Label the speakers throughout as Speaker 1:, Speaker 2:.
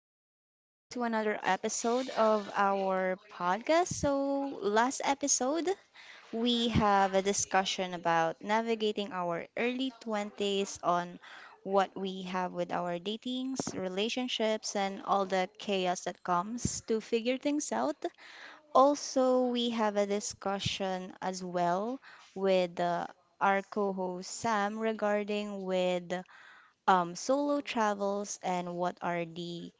Speaker 1: Welcome back to another episode of our podcast. So, last episode, we have a discussion about navigating our early 20s on what we have with our datings, relationships, and all the chaos that comes to figure things out. Also, we have a discussion as well with our co-host Sam regarding with solo travels and what are the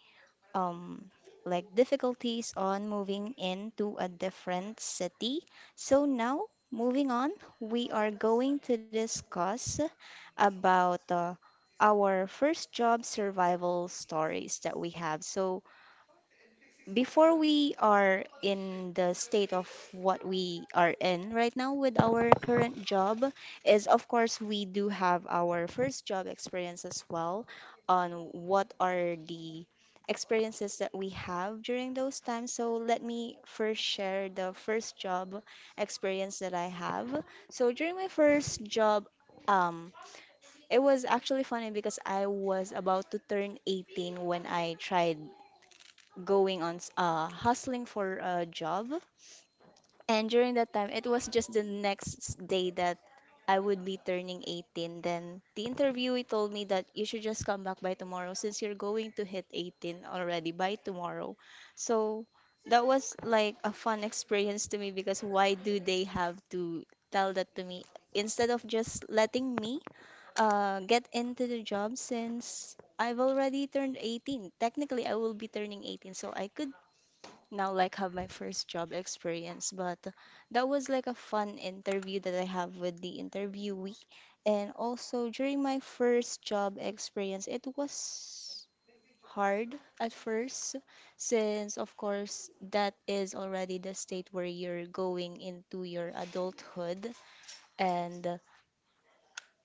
Speaker 1: um, like difficulties on moving into a different city. So now moving on, we are going to discuss about our first job survival stories that we have. So before we are in the state of what we are in right now with our current job is of course we do have our first job experience as well on what are the experiences that we have during those times. So let me first share the first job experience that I have. So during my first job, um it was actually funny because I was about to turn 18 when I tried going on hustling for a job. And during that time, it was just the next day that I would be turning 18. Then the interviewee told me that you should just come back by tomorrow since you're going to hit 18 already by tomorrow. So that was like a fun experience to me because why do they have to tell that to me instead of just letting me get into the job since I've already turned 18. Technically, I will be turning 18, so I could now like have my first job experience. But that was like a fun interview that I have with the interviewee. And also during my first job experience, it was hard at first, since of course that is already the state where you're going into your adulthood. And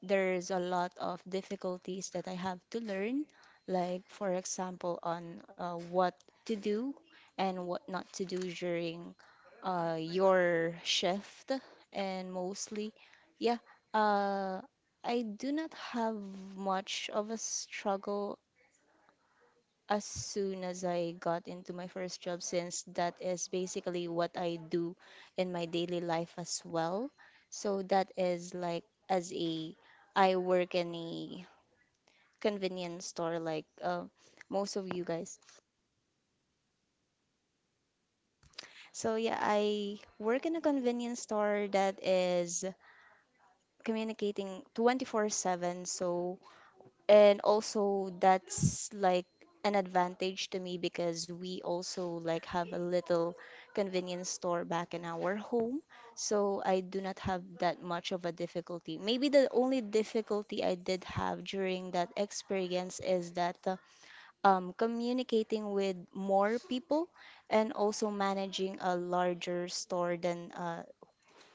Speaker 1: there's a lot of difficulties that I have to learn, like for example on what to do and what not to do during your shift. And mostly, yeah, uh, I do not have much of a struggle as soon as I got into my first job, since that is basically what I do in my daily life as well. So that is like, as a, I work in a convenience store like most of you guys. So yeah, I work in a convenience store that is communicating 24/7. So, and also that's like an advantage to me, because we also like have a little convenience store back in our home. So I do not have that much of a difficulty. Maybe the only difficulty I did have during that experience is that communicating with more people and also managing a larger store than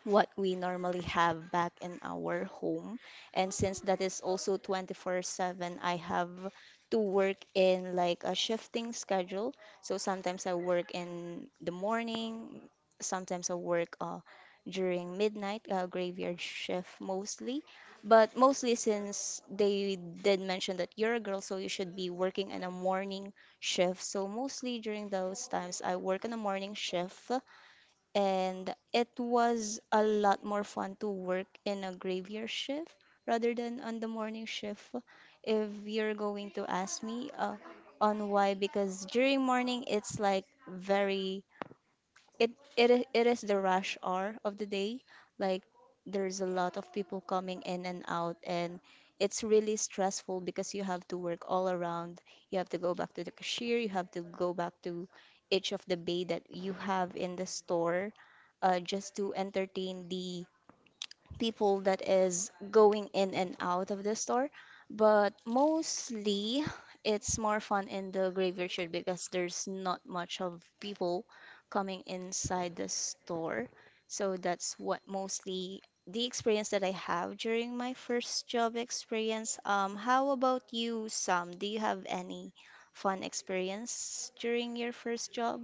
Speaker 1: what we normally have back in our home. And since that is also 24/7, I have to work in like a shifting schedule. So sometimes I work in the morning, sometimes I work during midnight, graveyard shift mostly. But mostly since they did mention that you're a girl, so you should be working in a morning shift. So mostly during those times, I work in a morning shift, and it was a lot more fun to work in a graveyard shift rather than on the morning shift. If you're going to ask me on why, because during morning it's like very, it it is the rush hour of the day. Like, there's a lot of people coming in and out, and it's really stressful because you have to work all around. You have to go back to the cashier. You have to go back to each of the bay that you have in the store, just to entertain the people that is going in and out of the store. But mostly it's more fun in the graveyard shift because there's not much of people coming inside the store. So that's what mostly the experience that I have during my first job experience. How about you, Sam? Do you have any fun experience during your first job?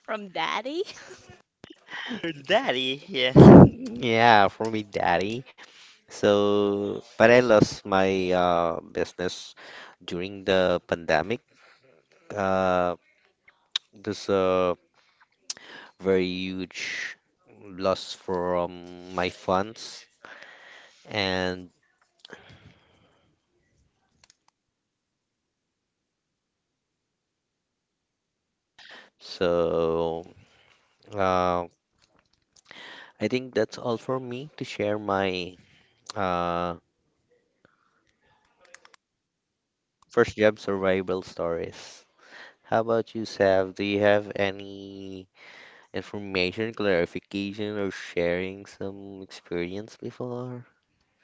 Speaker 1: From daddy.
Speaker 2: Your daddy, yes.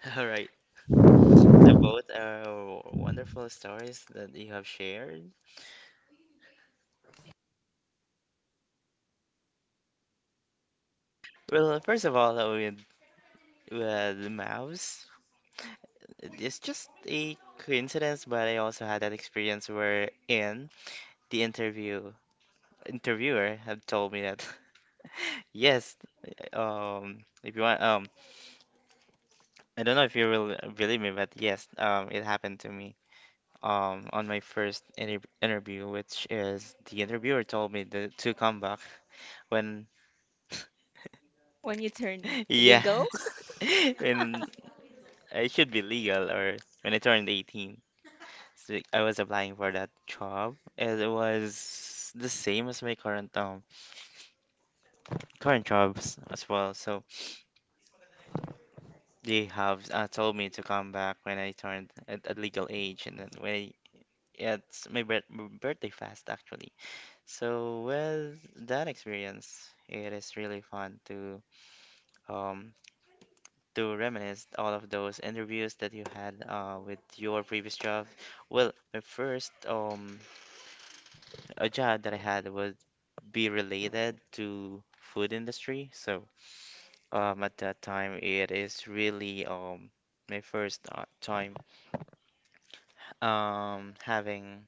Speaker 2: All right. So both are wonderful stories that you have shared. Well, first of all, with the mouse, it's just a coincidence, but I also had that experience where in the interviewer had told me that yes, if you want, I don't know if you will believe me, but yes, it happened to me. On my first interview, which is the interviewer told me to come back when
Speaker 1: When you turn legal?
Speaker 2: yes, when I should be legal or when I turned 18. So I was applying for that job, and it was the same as my current current jobs as well. So they have told me to come back when I turned at a legal age, and then when yeah, it's my my birthday fast actually. So with that experience, it is really fun um to reminisce all of those interviews that you had with your previous job. Well, my first a job that I had was be related to food industry. So at that time, it is really my first time having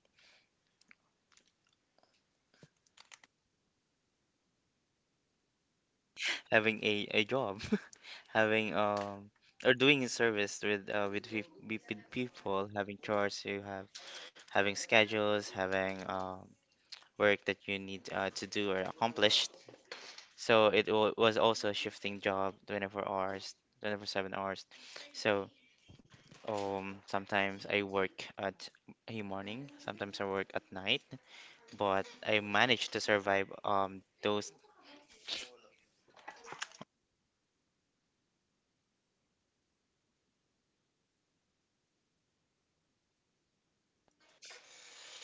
Speaker 2: a job, having or doing a service with with people, having chores you have, having schedules, having work that you need to do or accomplish. So it was also a shifting job, 24 hours, 24/7 hours. So sometimes I work at a morning, sometimes I work at night, but I managed to survive those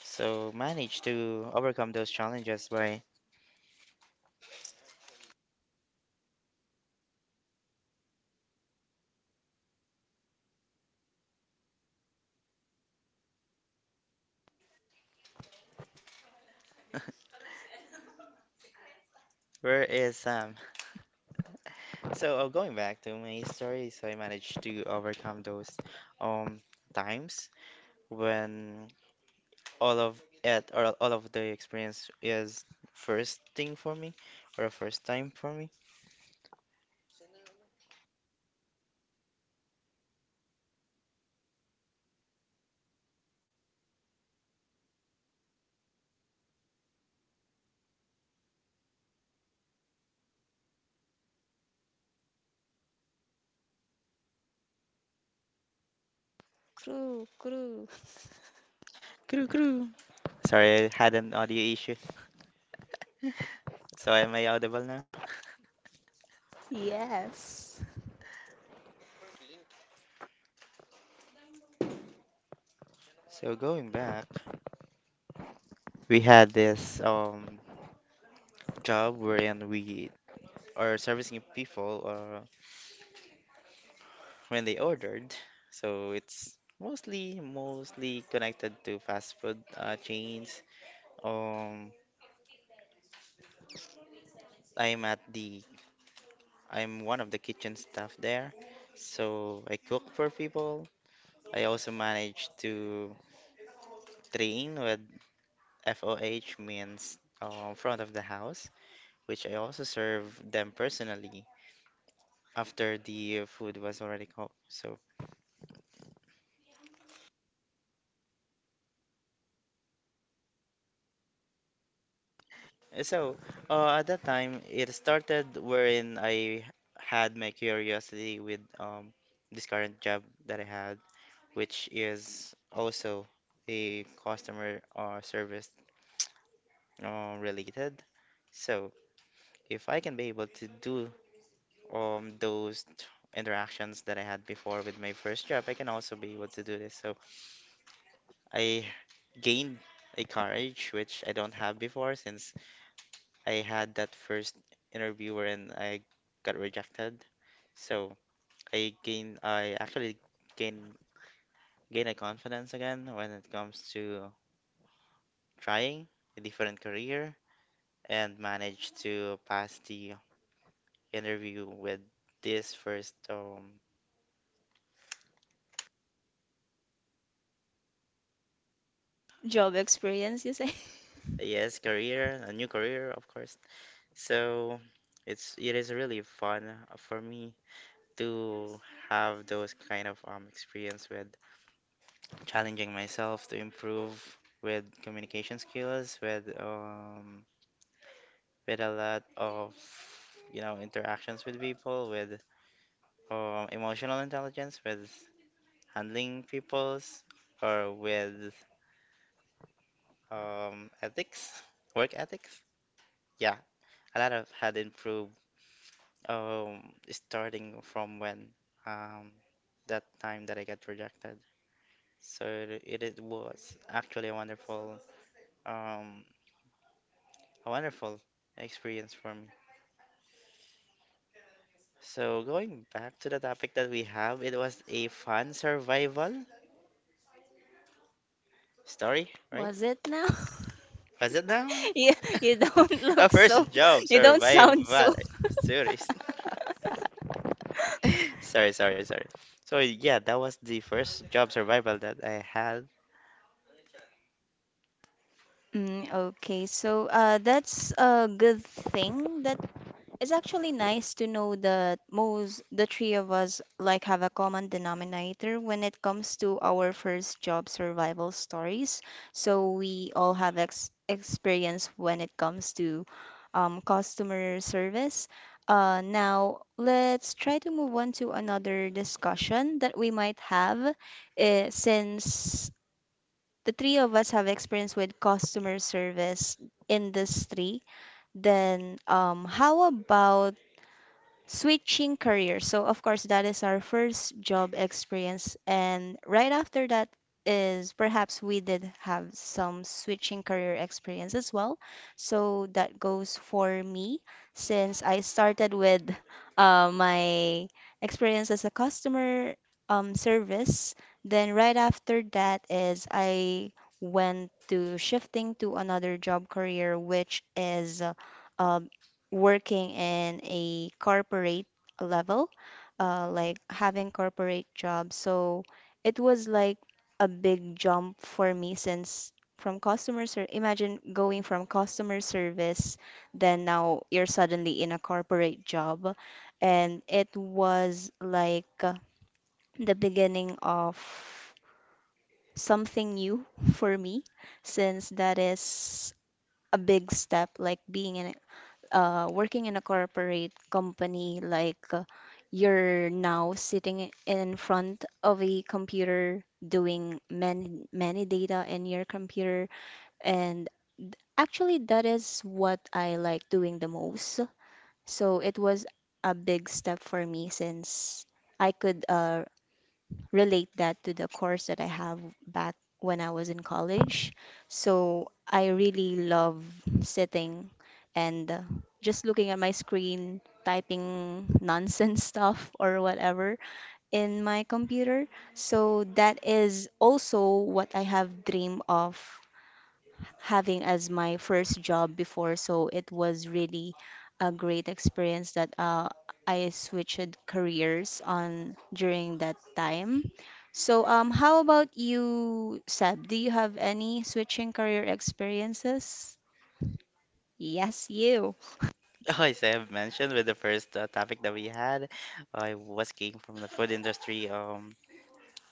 Speaker 2: so managed to overcome those challenges by where is so going back to my story, so I managed to overcome those um times when all of it or all of the experience is first thing for me or first time for me.
Speaker 1: Crew, crew.
Speaker 2: Crew crew. Sorry, I had an audio issue. So am I audible now?
Speaker 1: Yes.
Speaker 2: So going back, we had this job wherein we are servicing people when they ordered. So it's mostly connected to fast food chains. Um, I'm at the I'm one of the kitchen staff there. So I cook for people. I also manage to train with FOH means front of the house, which I also serve them personally after the food was already cooked. So, eh, so at that time, it started wherein I had my curiosity with this current job that I had, which is also a customer service related. So, if I can be able to do um, those t- interactions that I had before with my first job, I can also be able to do this. So, I gained a courage which I don't have before since I had that first interviewer and I got rejected. So I actually gain gain a confidence again when it comes to trying a different career and managed to pass the interview with this first
Speaker 1: Job experience, you say?
Speaker 2: yes, career, a new career of course. So it is really fun for me to have those kind of experience with challenging myself to improve with communication skills, with a lot of interactions with people, with emotional intelligence, with handling people's or with ethics, work ethics. Yeah, a lot of had improved um, starting from when um, that time that I got rejected. So it was actually a wonderful um, A wonderful experience for me. So, going back to the topic that we have, it was a fun survival story, right?
Speaker 1: Was it now?
Speaker 2: Was it now?
Speaker 1: you, you don't
Speaker 2: A
Speaker 1: look so,
Speaker 2: first job
Speaker 1: you don't
Speaker 2: survival
Speaker 1: sound so.
Speaker 2: stories. Sorry, sorry, sorry. So, yeah, that was the first job survival that I had.
Speaker 1: Mm, okay, so that's a good thing that. It's actually nice to know that most the three of us like have a common denominator when it comes to our first job survival stories. So we all have ex experience when it comes to customer service. Now let's try to move on to another discussion that we might have since the three of us have experience with customer service industry. Then how about switching careers? So, of course, that is our first job experience. And right after that is perhaps we did have some switching career experience as well. So, that goes for me, since I started with my experience as a customer service. Then, right after that is I went to shifting to another job career, which is um, working in a corporate level, like having corporate jobs. So it was like a big jump for me, since from customer ser imagine going from customer service, then now you're suddenly in a corporate job. And it was like the beginning of something new for me, since that is a big step, like being in working in a corporate company, like you're now sitting in front of a computer doing many, many data in your computer. And actually, that is what I like doing the most. So it was a big step for me since I could relate that to the course that I have back when I was in college. So I really love sitting and just looking at my screen, typing nonsense stuff or whatever in my computer. So that is also what I have dreamed of having as my first job before, so it was really a great experience that I switched careers on during that time. So, how about you, Seb? Do you have any switching career experiences? Yes, you.
Speaker 2: Oh, as I have mentioned with the first topic that we had, I was came from the food industry.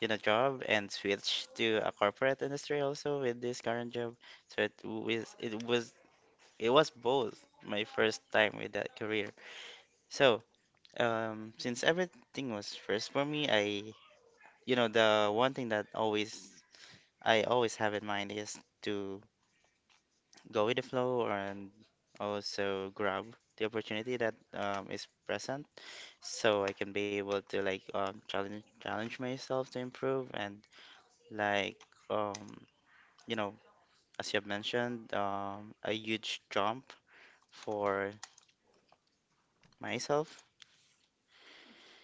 Speaker 2: You know, job and switch to a corporate industry also with this current job. So it was both my first time with that career. So since everything was first for me, I, you know, the one thing that always I always have in mind is to go with the flow and also grab the opportunity that is present so I can be able to like challenge myself to improve and like um you know as you have mentioned, a huge jump for myself.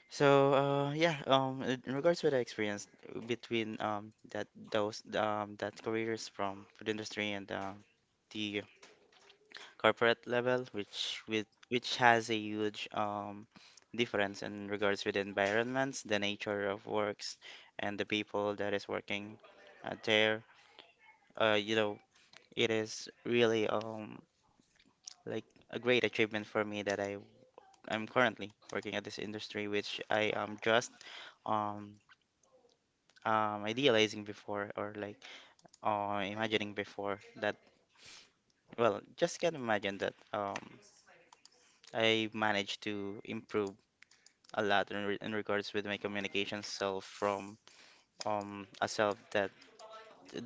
Speaker 2: So yeah, in regards to the experience between that those that careers from food industry and the corporate level, which with which has a huge difference in regards with the environments, the nature of works, and the people that is working there. Uh, you know, it is really like a great achievement for me that I'm currently working at this industry, which I am just um idealizing before or like imagining before that well just can imagine that I managed to improve a lot in regards with my communication self from a self that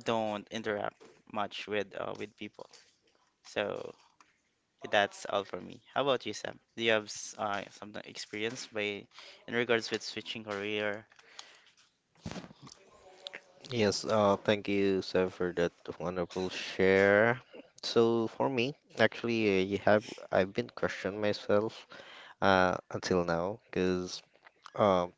Speaker 2: don't interact much with people. So that's all for me. How about you, Sam? Do you have some experience by in regards with switching career?
Speaker 3: Yes, thank you, sir, for that wonderful share. So for me, actually, you have I've been questioning myself until now because um,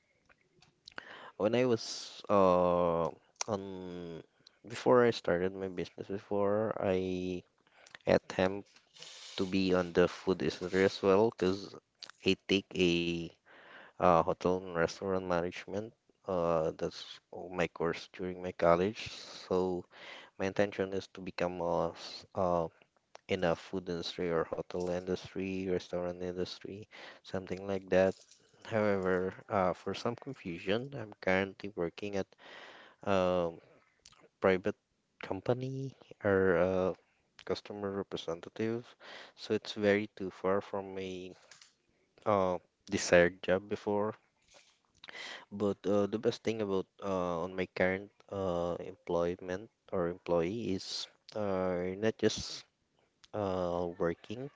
Speaker 3: when I was on before I started my business, before I attempt to be on the food industry as well, because I take a hotel and restaurant management. That's all my course during my college. My intention is to become in a food industry or hotel industry, restaurant industry, something like that. However, for some confusion, I'm currently working at a private company or a customer representative, so it's very too far from my uh, desired job before. But the best thing about on my current employment or employee is you're not just working,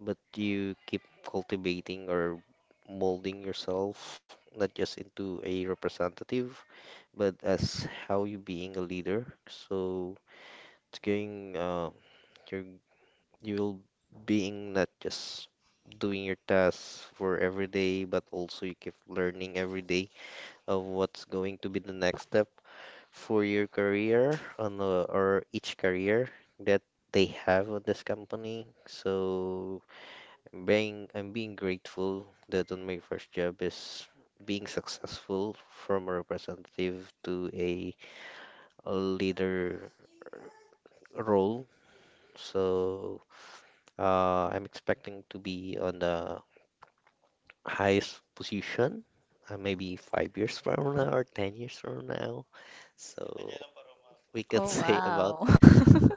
Speaker 3: but you keep cultivating or molding yourself not just into a representative, but as how you being a leader. So it's going, you're you'll being not just doing your tasks for every day, but also you keep learning every day of what's going to be the next step for your career on the, or each career that they have on this company. So being I'm being grateful that on my first job is being successful from a representative to a leader role. So I'm expecting to be on the highest position, maybe 5 years from now or 10 years from now. So we can
Speaker 1: Oh,
Speaker 3: say about
Speaker 1: wow.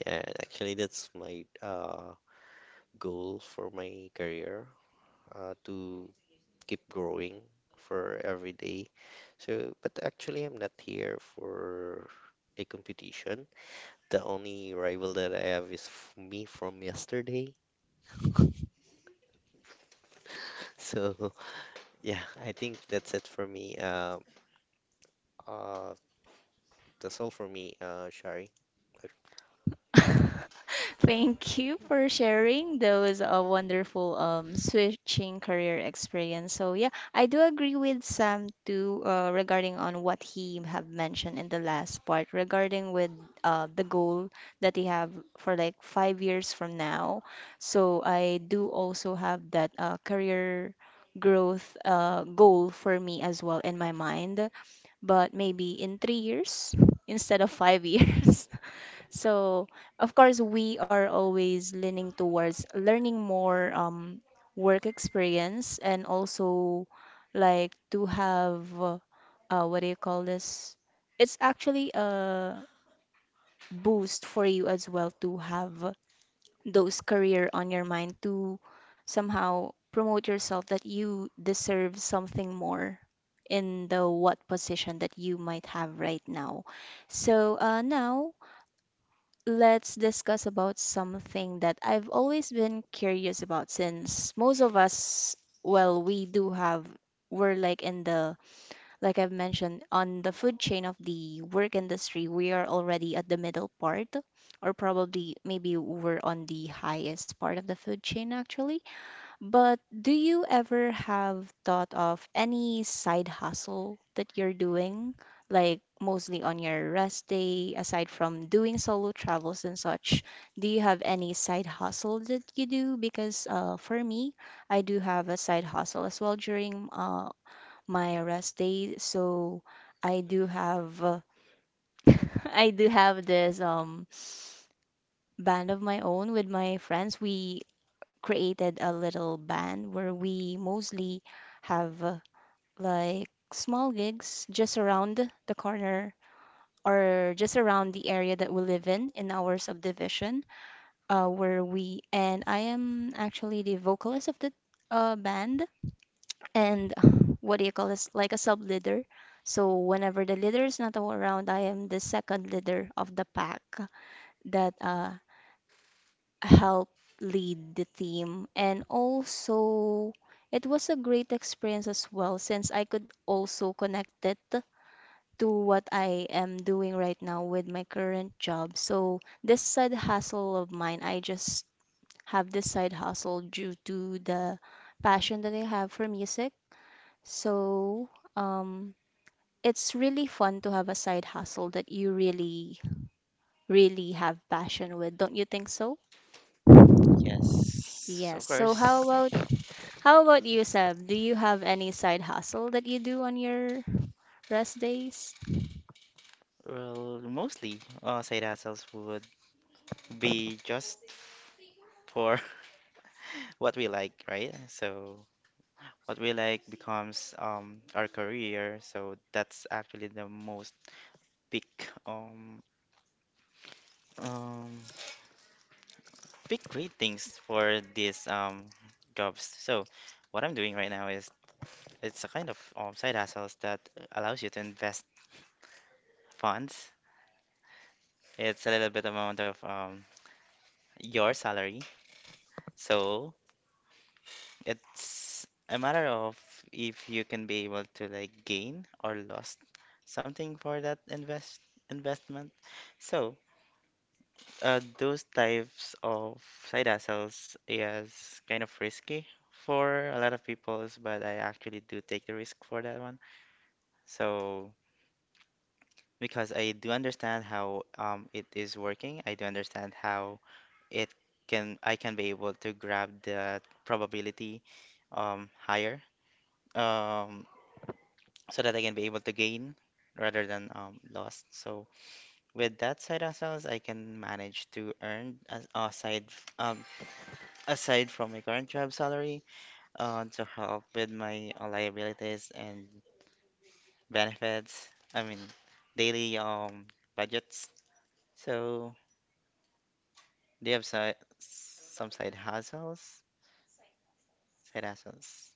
Speaker 3: yeah, actually that's my goal for my career to keep growing for every day. So, but actually, I'm not here for a competition. The only rival that I have is me from yesterday. So, yeah, I think that's it for me. Uh, that's all for me, Shari.
Speaker 1: Thank you for sharing those wonderful switching career experience. So yeah, I do agree with Sam too regarding on what he have mentioned in the last part regarding with the goal that he have for like 5 years from now. So I do also have that career growth goal for me as well in my mind, but maybe in 3 years instead of 5 years. So, of course, we are always leaning towards learning more work experience and also like to have, what do you call this? It's actually a boost for you as well to have those career on your mind to somehow promote yourself that you deserve something more in the what position that you might have right now. So, now let's discuss about something that I've always been curious about. Since most of us, well, we do have, we're like in the, like I've mentioned, on the food chain of the work industry, we are already at the middle part, or probably maybe we're on the highest part of the food chain actually. But do you ever have thought of any side hustle that you're doing, like mostly on your rest day, aside from doing solo travels and such? Do you have any side hustle that you do? Because for me, I do have a side hustle as well during my rest day. So I do have I do have this band of my own with my friends. We created a little band where we mostly have like small gigs just around the corner or just around the area that we live in our subdivision, where we and I am actually the vocalist of the band. And what do you call this, like a sub leader, so whenever the leader is not around I am the second leader of the pack that help lead the team. And also it was a great experience as well, since I could also connect it to what I am doing right now with my current job. So this side hustle of mine, I just have this side hustle due to the passion that I have for music. So it's really fun to have a side hustle that you really really have passion with, don't you think so?
Speaker 2: Yes, of
Speaker 1: Yes. So how about
Speaker 2: course.
Speaker 1: How about you, Seb? Do you have any side hustle that you do on your rest days?
Speaker 2: Well, mostly side hustles would be just for what we like, right? So what we like becomes our career. So that's actually the most big um um big great things for these jobs. So what I'm doing right now is it's a kind of side hustles that allows you to invest funds. It's a little bit amount of your salary. So it's a matter of if you can be able to like gain or lost something for that investment. So, those types of side hustles is kind of risky for a lot of people's, but I actually do take the risk for that one. So, because I do understand how it is working, I do understand how it can I can be able to grab the probability higher. Um, so that I can be able to gain rather than lost. So with that side hustles, I can manage to earn aside aside from my current job salary to help with my liabilities and benefits. I mean daily budgets. So they have si some side hustles,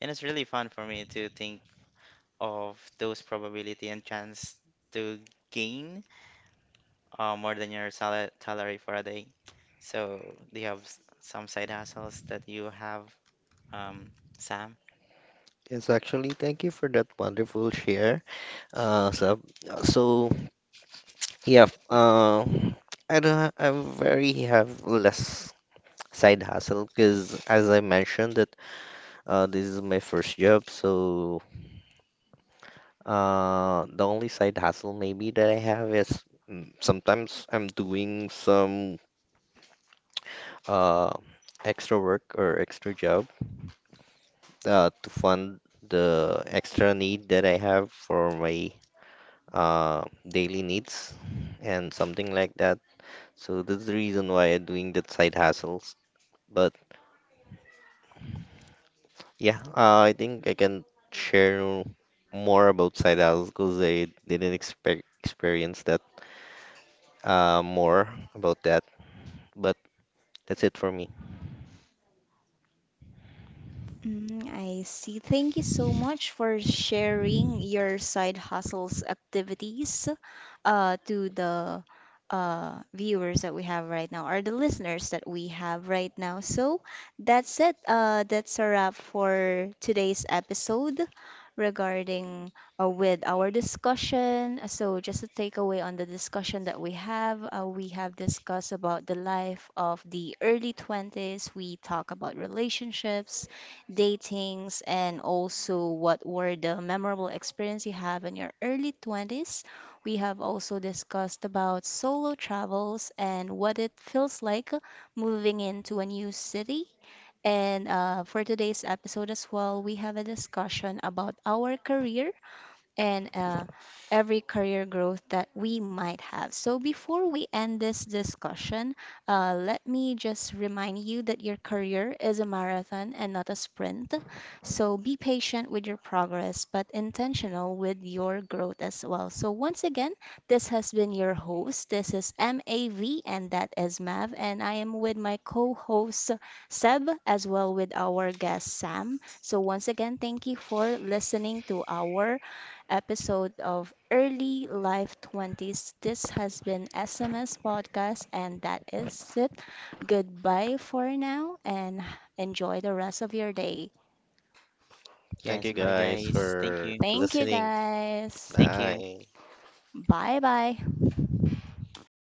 Speaker 2: and it's really fun for me to think of those probability and chance to gain more than your salary for a day. So, do you have some side hustles that you have, Sam?
Speaker 3: Yes, actually, thank you for that wonderful share. Uh, so, so yeah, I don't. Ha- I very have less side hustle because, as I mentioned, that this is my first job, so the only side hustle maybe that I have is sometimes I'm doing some uh, extra work or extra job to fund the extra need that I have for my daily needs and something like that. So that's the reason why I'm doing that side hustles. But yeah, I think I can share more about side hustles because I didn't expect experience that more about that. But that's it for me.
Speaker 1: Mm, I see. Thank you so much for sharing your side hustles activities, to the viewers that we have right now or the listeners that we have right now. So that's it. That's a wrap for today's episode regarding with our discussion. So just a takeaway on the discussion that we have discussed about the life of the early 20s. We talk about relationships, datings, and also what were the memorable experience you have in your early 20s. We have also discussed about solo travels and what it feels like moving into a new city. And for today's episode as well, we have a discussion about our career and every career growth that we might have. So, before we end this discussion, let me just remind you that your career is a marathon and not a sprint. So, be patient with your progress, but intentional with your growth as well. So, once again, this has been your host. This is MAV, and that is Mav, and I am with my co host Seb as well with our guest Sam. So, once again, thank you for listening to our episode of Early Life 20s. This has been SMS Podcast, and that is it. Goodbye for now, and enjoy the rest of your day.
Speaker 3: Thank
Speaker 2: Yes,
Speaker 3: you
Speaker 2: bye
Speaker 3: guys
Speaker 2: guys. Thank
Speaker 3: for
Speaker 2: you.
Speaker 1: Thank you,
Speaker 3: listening.
Speaker 1: guys.
Speaker 2: Thank you.
Speaker 3: Bye.
Speaker 1: Bye bye.